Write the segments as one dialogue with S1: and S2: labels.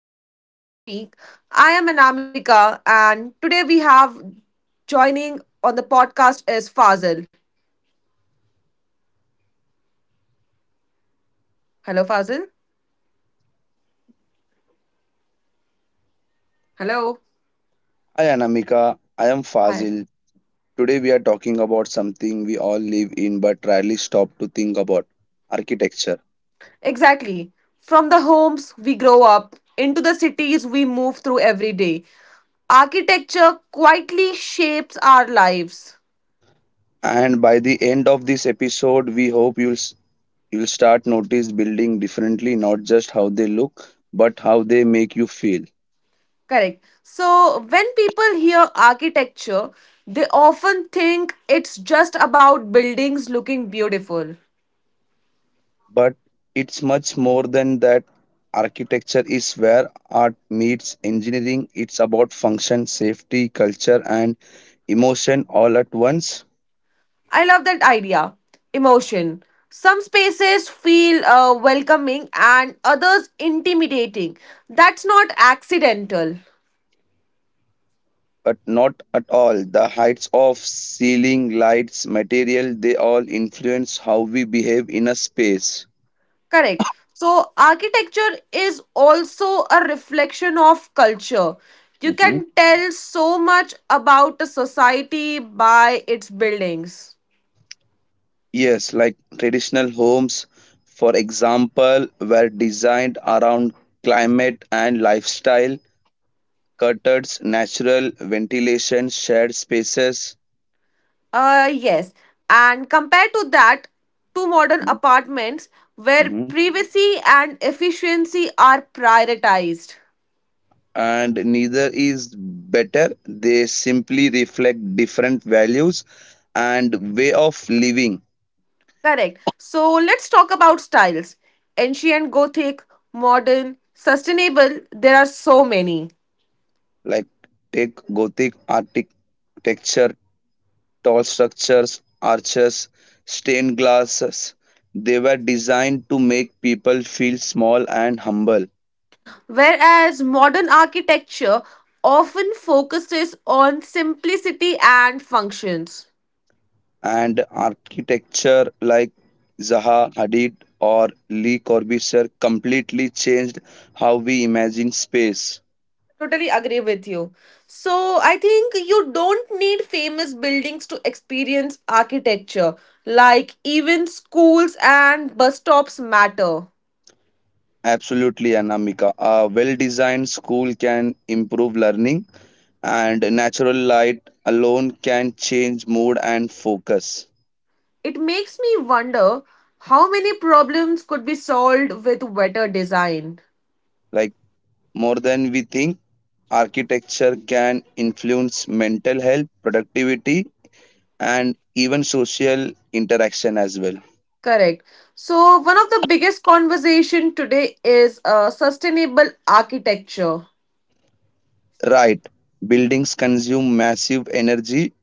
S1: Spaces That Speak. I am Anamika, and today we have joining on the podcast is Fazil. Hello, Fazil. Hello.
S2: Hi Anamika, I am
S1: Hi.
S2: Fazil. Today we are talking about something we all live in but rarely stop to think about architecture.
S1: Exactly. From the homes we grow up into the cities we move through every day. Architecture quietly shapes our lives.
S2: And by the end of this episode, we hope you'll start notice building differently, not just how they look, but how they make you feel.
S1: Correct. So, when people hear architecture, they often think it's just about buildings looking beautiful.
S2: But it's much more than that. Architecture is where art meets engineering. It's about function, safety, culture, and emotion all at once.
S1: I love that idea. Emotion. Some spaces feel welcoming and others intimidating. That's not accidental.
S2: But not at all. The heights of ceiling, lights, material, they all influence how we behave in a space.
S1: Correct. So, architecture is also a reflection of culture. You
S2: hmm
S1: can tell so much about a society by its buildings.
S2: Yes, like traditional homes, for example, were designed around climate and lifestyle, curtains, natural ventilation, shared spaces,
S1: Yes. And compared to that, to modern apartments where
S2: hmm
S1: privacy and efficiency are prioritized.
S2: and neither is better. They simply reflect different values and way of living.
S1: Correct. So let's talk about styles ancient, gothic, modern, sustainable. There are so many.
S2: Like take Gothic architecture, tall structures, arches, stained glasses. They were designed to make people feel small and humble.
S1: Whereas modern architecture often focuses on simplicity and functions.
S2: And architecture like Zaha Hadid or Lee Corbusier completely changed how we imagine space.
S1: Totally agree with you. So I think you don't need famous buildings to experience architecture. Like even schools and bus stops matter.
S2: Absolutely, Anamika. A well designed school can improve learning, and natural light alone can change mood and focus.
S1: It makes me wonder how many problems could be solved with better design.
S2: Like more than we think. Architecture can influence mental health, productivity, and even social interaction as well.
S1: Correct. So, one of the biggest conversation today is sustainable architecture.
S2: Right. Buildings consume massive energy.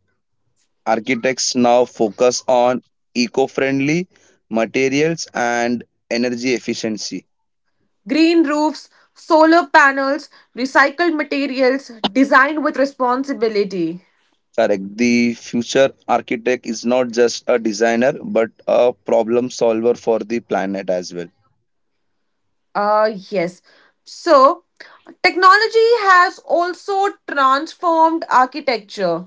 S2: Architects now focus on eco friendly materials and energy efficiency.
S1: Green roofs, solar panels, recycled materials, design with responsibility.
S2: Correct. The future architect is not just a designer but a problem solver for the planet as well.
S1: Yes. So, technology has also transformed architecture.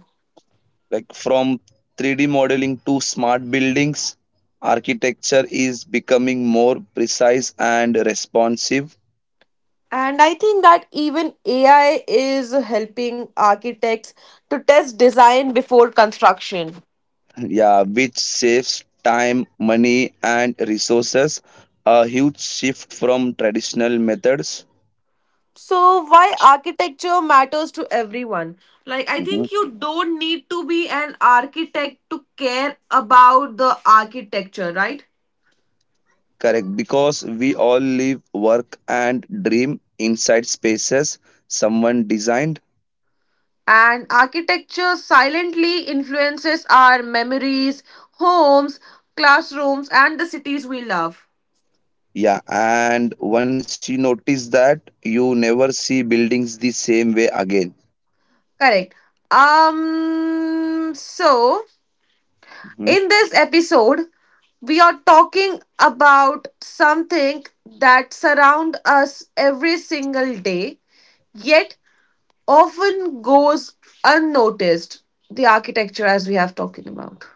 S2: Like from 3D modeling to smart buildings, architecture is becoming more precise and responsive.
S1: And I think that even AI is helping architects to test design before construction.
S2: Yeah, which saves time, money and resources, a huge shift from traditional methods.
S1: So, why architecture matters to everyone? Like, I
S2: Mhm.
S1: think you don't need to be an architect to care about the architecture, right?
S2: Correct, because we all live, work and dream inside spaces someone designed.
S1: And architecture silently influences our memories, homes, classrooms, and the cities we love.
S2: Yeah, and once you notice that, you never see buildings the same way again.
S1: Correct. So, in this episode, we are talking about something that surrounds us every single day, yet often goes unnoticed the architecture, as we have talking about.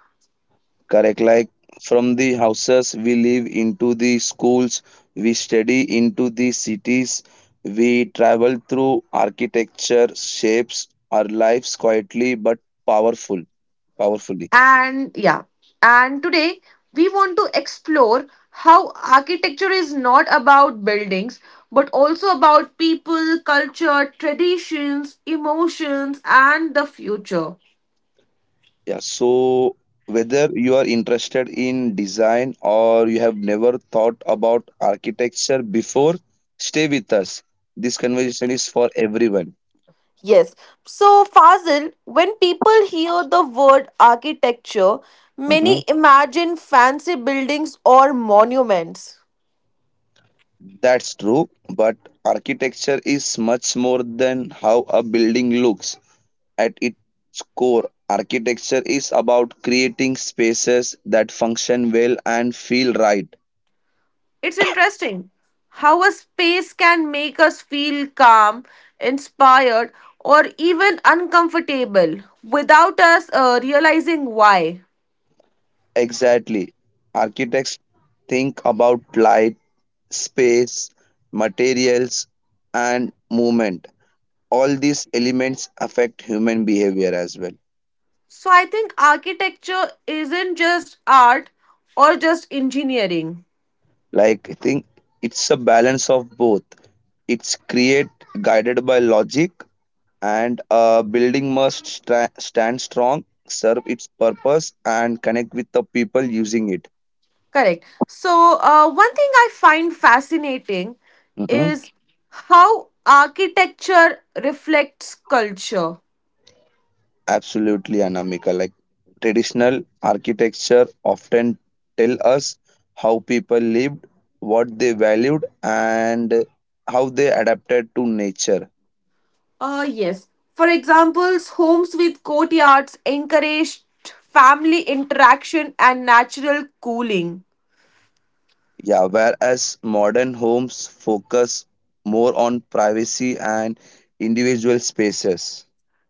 S2: Correct. Like from the houses we live into the schools we study into the cities we travel through, architecture shapes our lives quietly but powerful powerfully.
S1: And yeah, and today we want to explore how architecture is not about buildings but also about people, culture, traditions, emotions, and the future.
S2: Yeah. So whether you are interested in design or you have never thought about architecture before, stay with us. This conversation is for everyone.
S1: Yes. So, Fazil, when people hear the word architecture,
S2: Mm-hmm.
S1: many imagine fancy buildings or monuments.
S2: That's true, but architecture is much more than how a building looks. At its core, architecture is about creating spaces that function well and feel right.
S1: It's interesting how a space can make us feel calm, inspired, or even uncomfortable without us realizing why.
S2: Exactly. Architects think about light, space, materials, and movement. All these elements affect human behavior as well.
S1: So, I think architecture isn't just art or just engineering.
S2: Like I think it's a balance of both. It's create guided by logic, and a building must stand strong, serve its purpose and connect with the people using it.
S1: Correct. So, one thing I find fascinating
S2: hmm
S1: is how architecture reflects culture.
S2: Absolutely, Anamika. Like traditional architecture often tell us how people lived, what they valued and how they adapted to nature.
S1: Yes. For examples, homes with courtyards encouraged family interaction and natural cooling.
S2: Yeah, whereas modern homes focus more on privacy and individual spaces.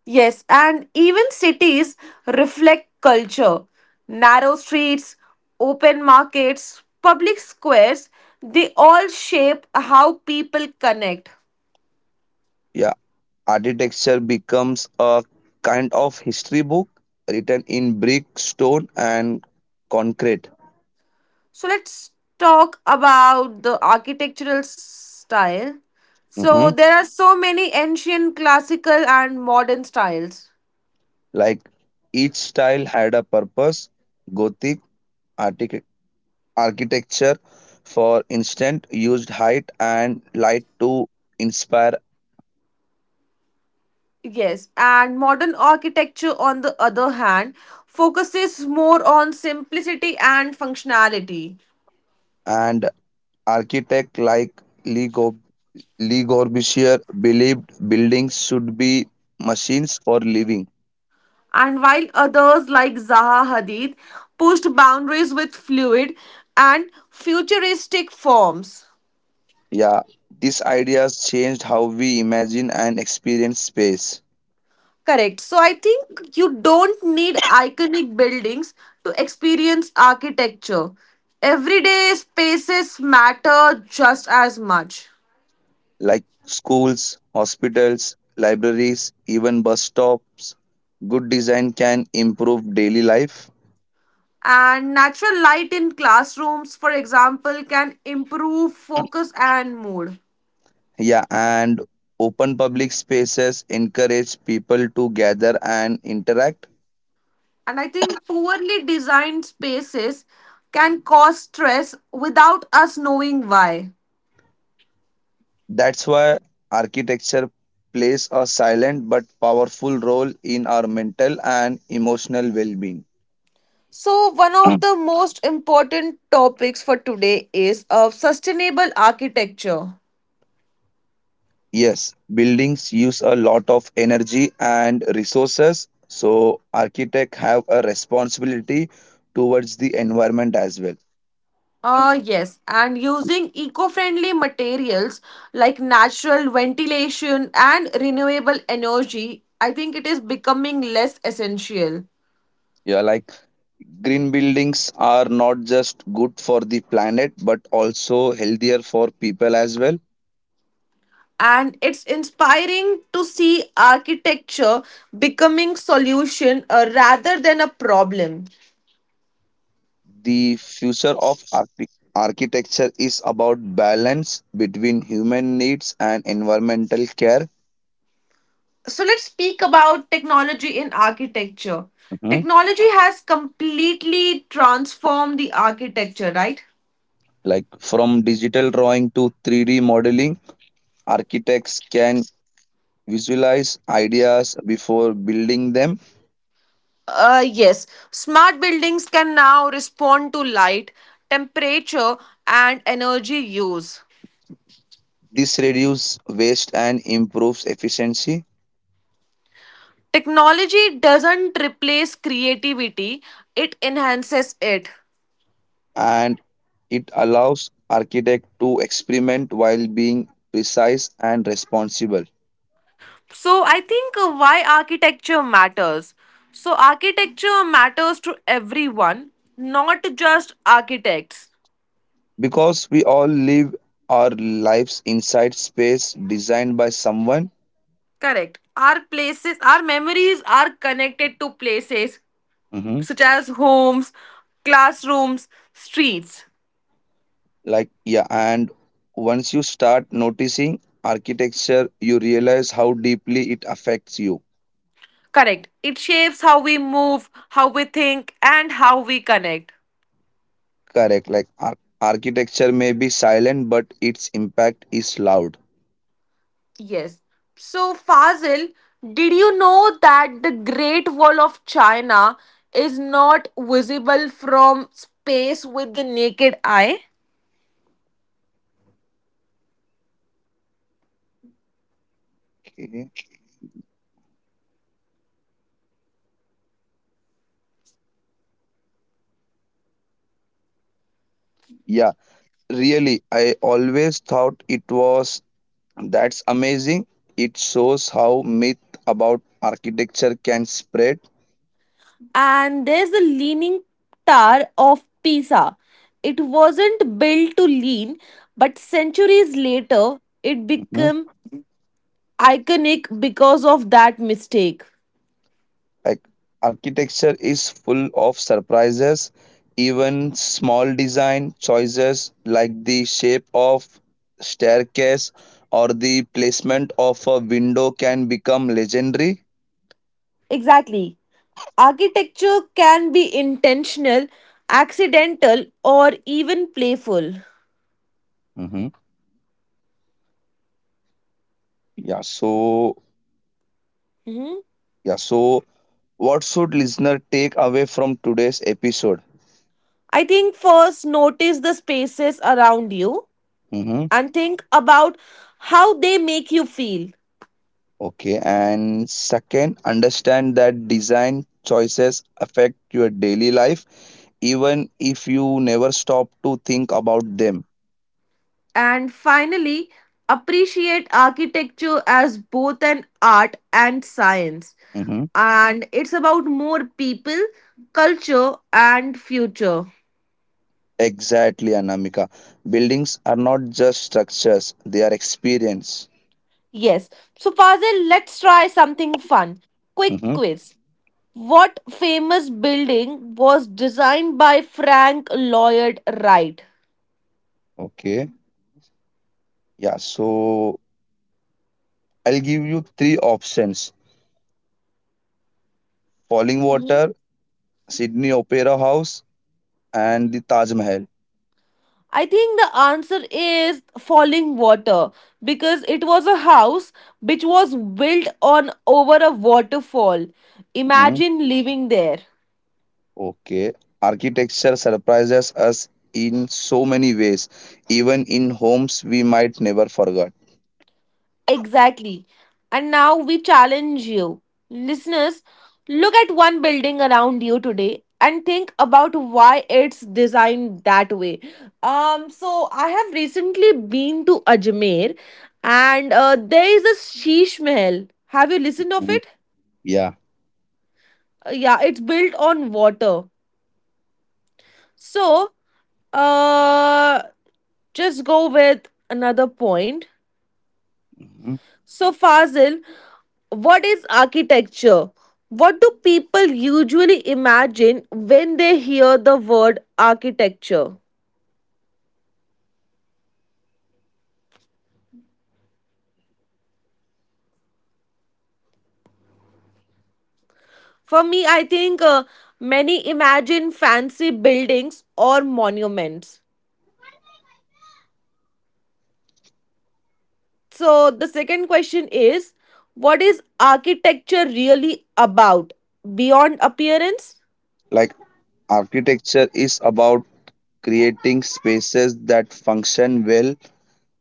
S1: Yes, and even cities reflect culture. Narrow streets, open markets, public squares, they all shape how people connect.
S2: Yeah, architecture becomes a kind of history book written in brick, stone, and concrete.
S1: So let's talk about the architectural style. So
S2: Mhm.
S1: there are so many ancient, classical, and modern styles.
S2: Like each style had a purpose. Gothic artic- architecture, for instance, used height and light to inspire,
S1: Yes, and modern architecture, on the other hand, focuses more on simplicity and functionality.
S2: and architect like Lee Le Corbusier believed buildings should be machines for living.
S1: And while others like Zaha Hadid pushed boundaries with fluid and futuristic forms.
S2: Yeah, these ideas changed how we imagine and experience space,
S1: Correct. So I think you don't need iconic buildings to experience architecture. Everyday spaces matter just as much.
S2: like schools, hospitals, libraries, even bus stops. Good design can improve daily life.
S1: And natural light in classrooms, for example, can improve focus and mood.
S2: Yeah, and open public spaces encourage people to gather and interact.
S1: And I think poorly designed spaces can cause stress without us knowing why.
S2: That's why architecture plays a silent but powerful role in our mental and emotional well being.
S1: So, one of the most important topics for today is of sustainable architecture.
S2: Yes, buildings use a lot of energy and resources, so architects have a responsibility towards the environment as well.
S1: Yes, and using eco friendly materials like natural ventilation and renewable energy, I think it is becoming less essential.
S2: Yeah, like green buildings are not just good for the planet but also healthier for people as well.
S1: And it's inspiring to see architecture becoming solution rather than a problem.
S2: The future of architecture is about balance between human needs and environmental care.
S1: So let's speak about technology in architecture.
S2: Mhm.
S1: Technology has completely transformed the architecture, right?
S2: Like from digital drawing to 3D modeling, architects can visualize ideas before building them.
S1: Yes, smart buildings can now respond to light, temperature, and energy use.
S2: This reduces waste and improves efficiency,
S1: Technology doesn't replace creativity, it enhances it.
S2: and it allows architect to experiment while being precise and responsible.
S1: So, I think why architecture matters. So, architecture matters to everyone, not just architects.
S2: Because we all live our lives inside space designed by someone.
S1: Correct. Our places, our memories are connected to places
S2: Mm-hmm.
S1: such as homes, classrooms, streets.
S2: Like yeah, and once you start noticing architecture, you realize how deeply it affects you.
S1: Correct. It shapes how we move, how we think, and how we connect.
S2: Correct, like architecture may be silent but its impact is loud.
S1: Yes. So, Fazil, did you know that the Great Wall of China is not visible from space with the naked eye?
S2: Okay. Yeah, really? I always thought it was, that's amazing. It shows how myth about architecture can spread.
S1: And there's the Leaning Tower of Pisa. It wasn't built to lean, but centuries later, it became iconic because of that mistake.
S2: Like architecture is full of surprises. Even small design choices like the shape of staircase or the placement of a window can become legendary.
S1: Exactly. Architecture can be intentional, accidental, or even playful.
S2: hmm Yeah, so
S1: Mhm.
S2: yeah, so what should listener take away from today's episode?
S1: I think first notice the spaces around you
S2: hmm
S1: and think about how they make you feel.
S2: Okay, and second, understand that design choices affect your daily life, even if you never stop to think about them.
S1: And finally, appreciate architecture as both an art and science.
S2: Mhm.
S1: And it's about more people, culture, and future.
S2: Exactly, Anamika. Buildings are not just structures, they are experience.
S1: Yes. So, Fazil, let's try something fun. Quick
S2: Mhm.
S1: quiz. What famous building was designed by Frank Lloyd Wright?
S2: Okay. Yeah, so I'll give you three options. Falling Water, Sydney Opera House, and the Taj Mahal.
S1: I think the answer is falling water because it was a house which was built on over a waterfall.
S2: Mhm.
S1: Imagine living there.
S2: Okay. Architecture surprises us in so many ways, even in homes we might never forget.
S1: Exactly. And now we challenge you. Listeners, look at one building around you today and think about why it's designed that way. So I have recently been to Ajmer and there is a Sheesh Mahal. Have you listened of
S2: Mhm.
S1: it?
S2: Yeah.
S1: Yeah, it's built on water. So, uh just go with another point.
S2: Mhm.
S1: So, Fazil, what is architecture? What do people usually imagine when they hear the word architecture? For me, I think many imagine fancy buildings or monuments. So, the second question is what is architecture really about beyond appearance?
S2: Like architecture is about creating spaces that function well,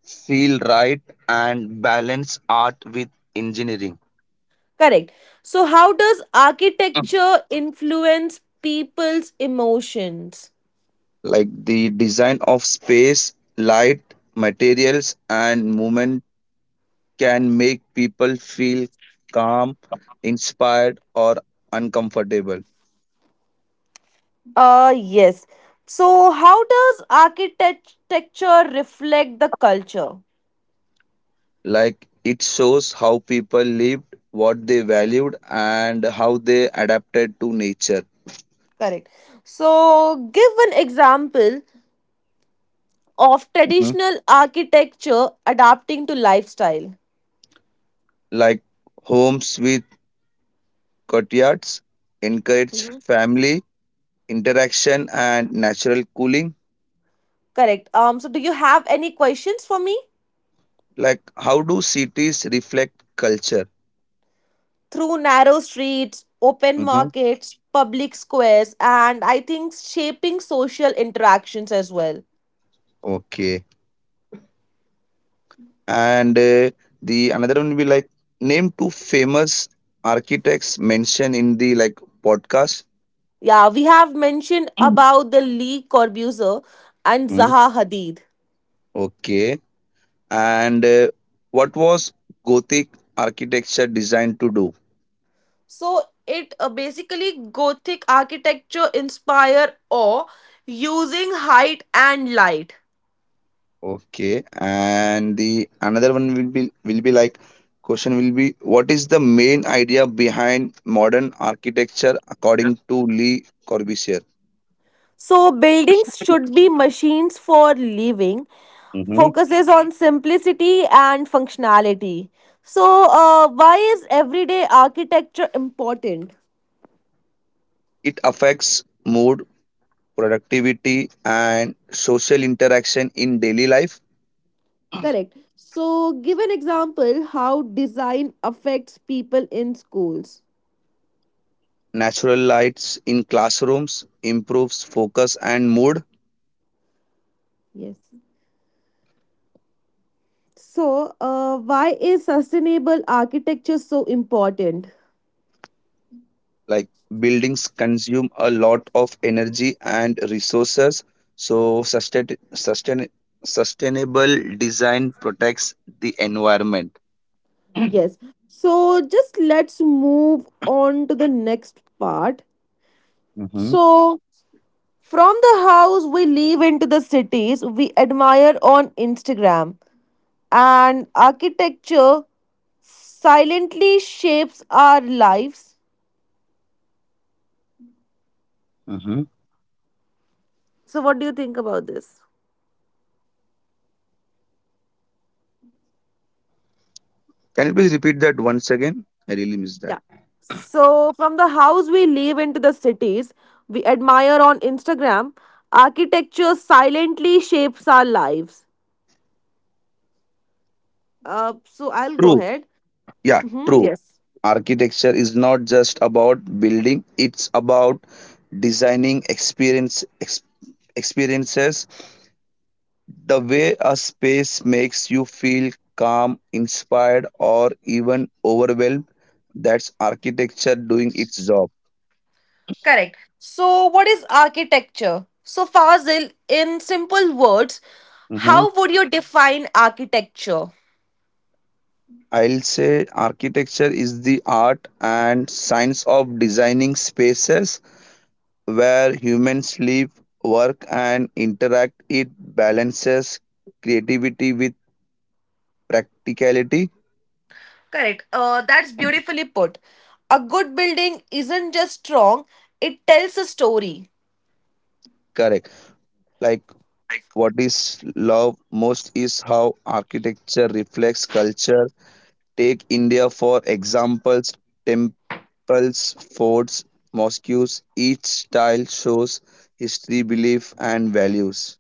S2: feel right and balance art with engineering.
S1: Correct. So, how does architecture influence people's emotions?
S2: Like the design of space, light, materials and movement can make people feel calm, inspired or uncomfortable.
S1: Yes. So, how does architecture reflect the culture?
S2: Like it shows how people lived, what they valued and how they adapted to nature.
S1: Correct. So, give an example of
S2: Mhm.
S1: traditional architecture adapting to lifestyle.
S2: Like homes with courtyards encourage
S1: Mhm.
S2: family interaction and natural cooling.
S1: Correct. So, do you have any questions for me?
S2: Like how do cities reflect culture?
S1: Through narrow streets, open
S2: Mm-hmm.
S1: markets, public squares, and I think shaping social interactions as well.
S2: Okay. And the another one will be like name two famous architects mentioned in the like podcast.
S1: Yeah, we have mentioned about the Lee Corbusier and
S2: mm
S1: Zaha Hadid.
S2: Okay. And what was Gothic architecture designed to do?
S1: So it basically Gothic architecture inspire awe using height and light.
S2: Okay. And the another one will be like question will be what is the main idea behind modern architecture according to Lee Corbusier?
S1: So buildings should be machines for living. Focuses on simplicity and functionality. So why is everyday architecture important?
S2: It affects mood, productivity, and social interaction in daily life.
S1: Correct. So give an example how design affects people in schools.
S2: Natural lights in classrooms improves focus and mood.
S1: Yes. So why is sustainable architecture so important?
S2: Like buildings consume a lot of energy and resources. So sustainable design protects the environment.
S1: Yes. So just let's move on to the next part.
S2: Mm-hmm.
S1: So from the house we live into the cities we admire on Instagram and architecture silently shapes our lives.
S2: Mm-hmm.
S1: So what do you think about this?
S2: Can you please repeat that once again? I really missed that.
S1: Yeah. So from the house we live into the cities we admire on Instagram, architecture silently shapes our lives. So I'll go
S2: True.
S1: ahead.
S2: Yeah, true.
S1: Yes.
S2: Architecture is not just about building, it's about designing experiences, the way a space makes you feel calm, inspired or even overwhelmed. That's architecture doing its job.
S1: Correct. So, what is architecture? So, Fazil, in simple words,
S2: Mhm.
S1: how would you define architecture?
S2: I'll say architecture is the art and science of designing spaces where humans live, work and interact. It balances creativity with practicality.
S1: Correct. That's beautifully put. A good building isn't just strong, it tells a story.
S2: Correct, like what is loved most is how architecture reflects culture. Take India for examples, temples, forts, mosques, each style shows history, belief and values.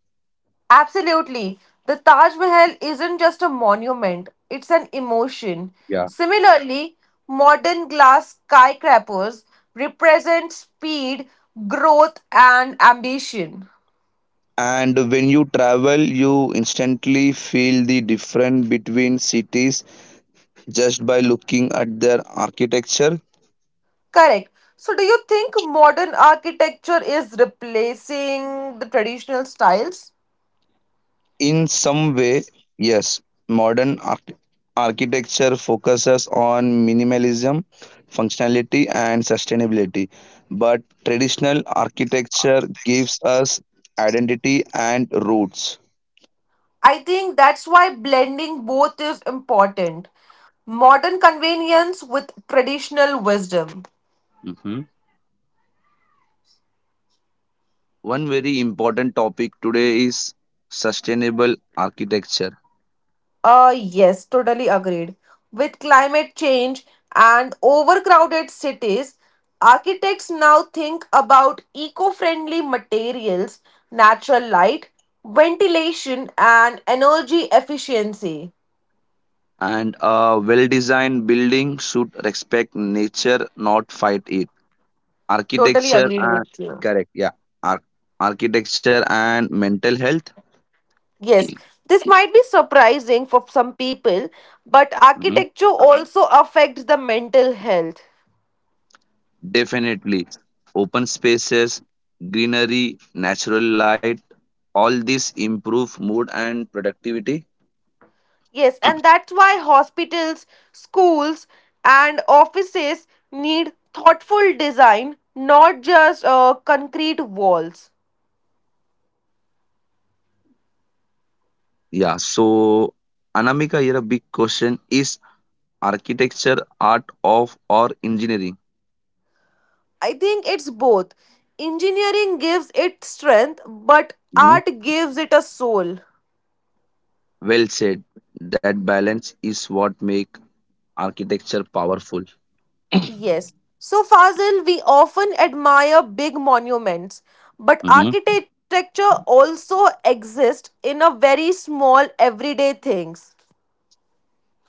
S1: Absolutely. The Taj Mahal isn't just a monument, it's an emotion.
S2: Yeah,
S1: Similarly, modern glass skyscrapers represent speed, growth, and ambition.
S2: and when you travel, you instantly feel the difference between cities just by looking at their architecture.
S1: Correct. So, do you think modern architecture is replacing the traditional styles?
S2: In some way, yes, modern architecture focuses on minimalism, functionality, and sustainability. But traditional architecture gives us identity and roots.
S1: I think that's why blending both is important. Modern convenience with traditional wisdom.
S2: hmm One very important topic today is sustainable architecture.
S1: Yes, totally agreed. With climate change and overcrowded cities, architects now think about eco friendly materials, natural light, ventilation, and energy efficiency.
S2: And a well designed building should respect nature, not fight it.
S1: Totally
S2: Architecture
S1: agreed
S2: and
S1: with you.
S2: correct, yeah. Ar- Architecture and mental health.
S1: Yes, this might be surprising for some people, but
S2: Mhm.
S1: architecture also affects the mental health.
S2: Definitely. Open spaces, greenery, natural light, all this improve mood and productivity.
S1: Yes, and that's why hospitals, schools, and offices need thoughtful design, not just concrete walls.
S2: Yeah. So Anamika, here a big question is architecture art of or engineering?
S1: I think it's both. Engineering gives it strength, but
S2: Mhm.
S1: art gives it a soul.
S2: Well said. That balance is what make architecture powerful.
S1: Yes. So, Fazil, we often admire big monuments, but
S2: Mm-hmm.
S1: architecture also exists in a very small everyday things.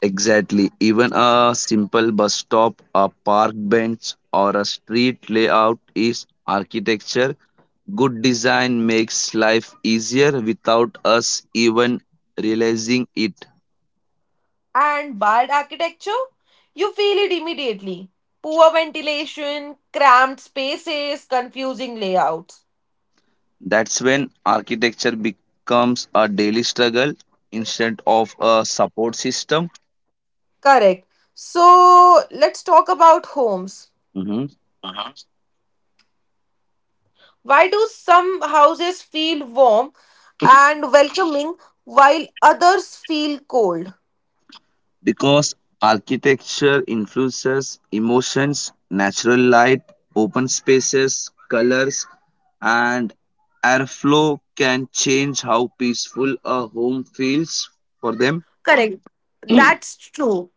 S2: Exactly. Even a simple bus stop, a park bench, or a street layout is architecture. Good design makes life easier without us even realizing it.
S1: And bad architecture? You feel it immediately. Poor ventilation, cramped spaces, confusing layouts.
S2: That's when architecture becomes a daily struggle instead of a support system.
S1: Correct. So, let's talk about homes.
S2: Mm-hmm.
S1: Why do some houses feel warm and welcoming while others feel cold?
S2: Because architecture influences emotions, natural light, open spaces, colors, and airflow can change how peaceful a home feels for them.
S1: Correct. That's true.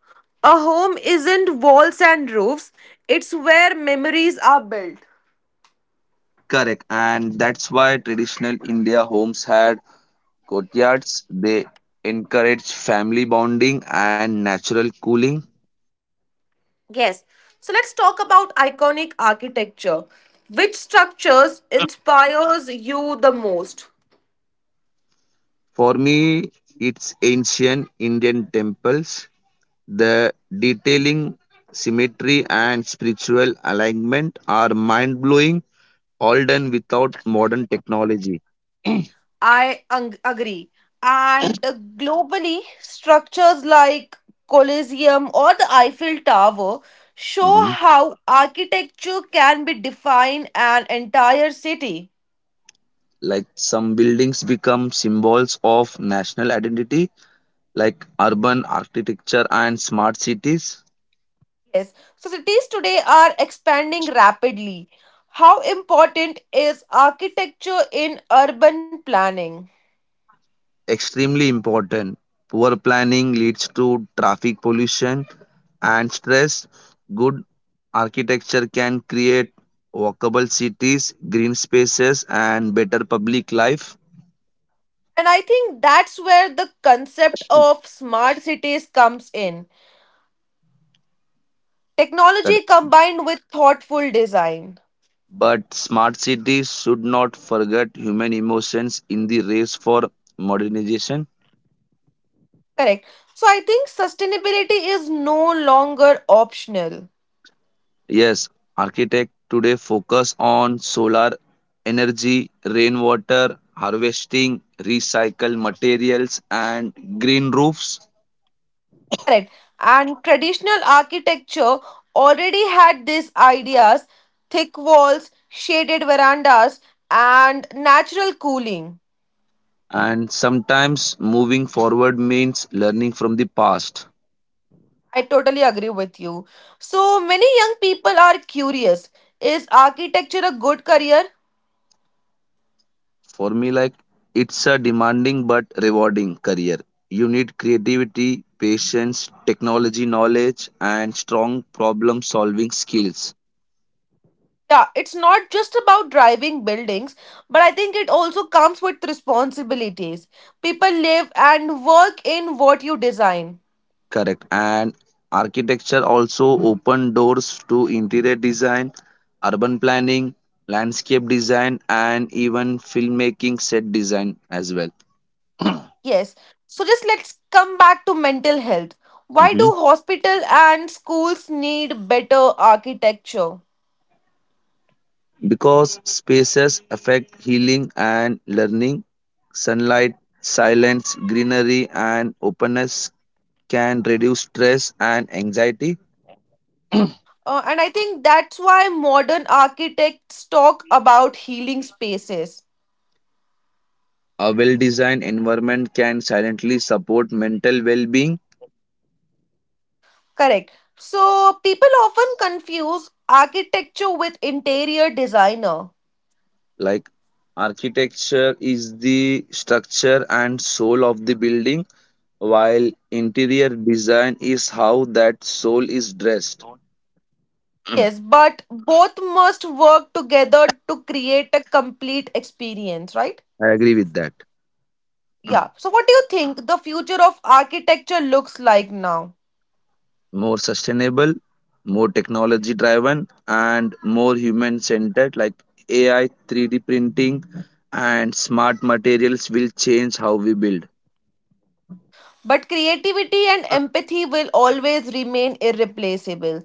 S1: A home isn't walls and roofs, it's where memories are built.
S2: Correct. And that's why traditional India homes had courtyards. They encourage family bonding and natural cooling.
S1: Yes. So let's talk about iconic architecture. Which structures inspires you the most?
S2: For me, it's ancient Indian temples. The detailing, symmetry, and spiritual alignment are mind blowing, all done without modern technology.
S1: I agree. And globally, structures like Colosseum or the Eiffel Tower
S2: Mhm.
S1: show how architecture can be define an entire city.
S2: Like some buildings become symbols of national identity, like urban architecture and smart cities,
S1: Yes, so cities today are expanding rapidly. How important is architecture in urban planning?
S2: extremely important. Poor planning leads to traffic pollution and stress. Good architecture can create walkable cities, green spaces, and better public life.
S1: And I think that's where the concept
S2: Correct.
S1: of smart cities comes in. Technology combined with thoughtful design.
S2: But smart cities should not forget human emotions in the race for modernization.
S1: Correct. So I think sustainability is no longer optional.
S2: Yes, architects today focus on solar energy, rainwater harvesting, recycled materials, and green roofs.
S1: Correct. And traditional architecture already had these ideas thick walls, shaded verandas, and natural cooling.
S2: And sometimes moving forward means learning from the past.
S1: I totally agree with you. So many young people are curious is architecture a good career?
S2: For me, like it's a demanding but rewarding career. You need creativity, patience, technology knowledge, and strong problem solving skills.
S1: Yeah, it's not just about driving buildings, but I think it also comes with responsibilities. People live and work in what you design.
S2: Correct. And architecture also open doors to interior design, urban planning, landscape design, and even filmmaking set design as well.
S1: Yes. So just let's come back to mental health. Why
S2: Mhm.
S1: do hospital and schools need better architecture?
S2: Because spaces affect healing and learning, sunlight, silence, greenery, and openness can reduce stress and anxiety.
S1: And I think that's why modern architects talk about healing spaces.
S2: A well designed environment can silently support mental well being.
S1: Correct. So people often confuse architecture with interior designer.
S2: Like architecture is the structure and soul of the building, while interior design is how that soul is dressed.
S1: Yes, but both must work together to create a complete experience, right?
S2: I agree with that.
S1: Yeah. So what do you think the future of architecture looks like now?
S2: More sustainable, more technology driven, and more human centered, like AI, 3D printing, and smart materials will change how we build.
S1: But creativity and empathy will always remain irreplaceable.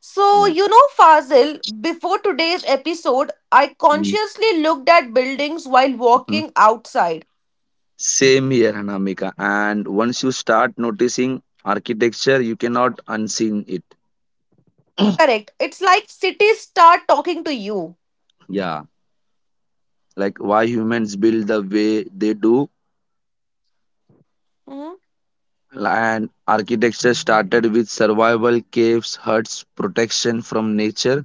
S1: So,
S2: Yeah.
S1: you know, Fazil, before today's episode, I
S2: Mm-hmm.
S1: consciously looked at buildings while walking outside.
S2: Same here, Anamika. And once you start noticing architecture, you cannot unseen it.
S1: Correct. It's like cities start talking to you.
S2: Yeah, like why humans build the way they do.
S1: Mhm.
S2: And architecture started with survival, caves, huts, protection from nature.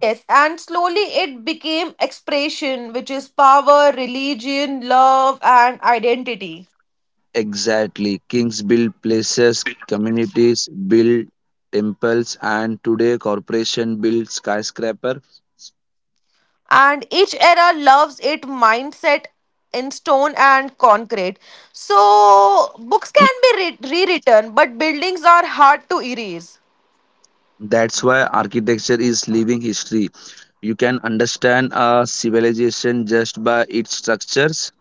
S1: Yes, and slowly it became expression, which is power, religion, love, and identity.
S2: Exactly. Kings build places, communities build temples, and today corporation build skyscraper.
S1: And each era loves it mindset in stone and concrete. So books can be rewritten, but buildings are hard to erase.
S2: That's why architecture is living history. You can understand a civilization just by its structures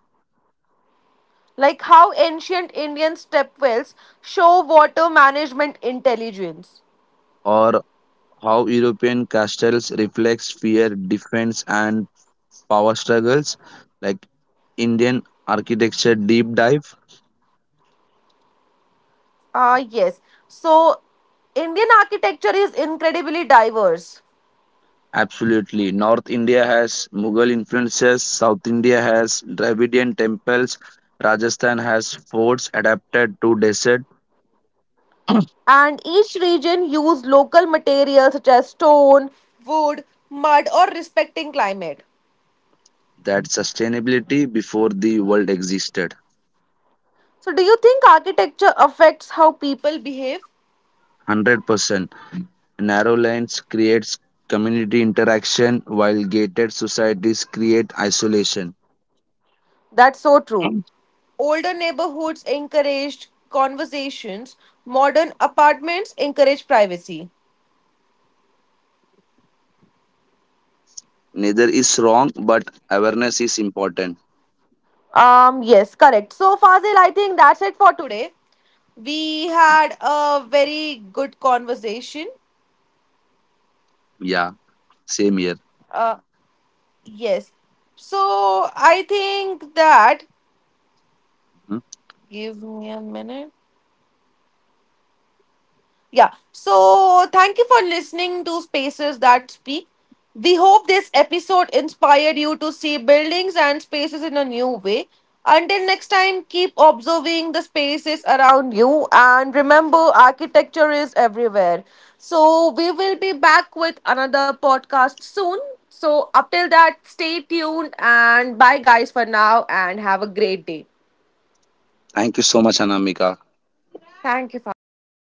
S1: Like how ancient indian stepwells show water management intelligence.
S2: or how European castles reflects fear, defense and power struggles, like Indian architecture deep dive.
S1: Ah yes, so indian architecture is incredibly diverse.
S2: Absolutely. North India has Mughal influences, South India has Dravidian temples, Rajasthan has forts adapted to desert.
S1: And each region use local materials such as stone, wood, mud or respecting climate.
S2: That sustainability before the world existed.
S1: So, do you think architecture affects how people behave?
S2: 100%. Narrow lanes creates community interaction while gated societies create isolation.
S1: That's so true. Older neighborhoods encouraged conversations, modern apartments encourage privacy.
S2: Neither is wrong, but awareness is important.
S1: Yes, correct. So, Fazil, I think that's it for today. We had a very good conversation.
S2: Yeah, same here.
S1: Uh, yes. So, I think that.
S2: Hmm.
S1: Give me a minute. Yeah. So thank you for listening to Spaces That Speak. We hope this episode inspired you to see buildings and spaces in a new way. Until next time, keep observing the spaces around you and remember architecture is everywhere. So we will be back with another podcast soon. So up till that, stay tuned and bye guys for now and have a great day.
S2: Thank you so much, Anamika.
S1: Thank you, Fazil.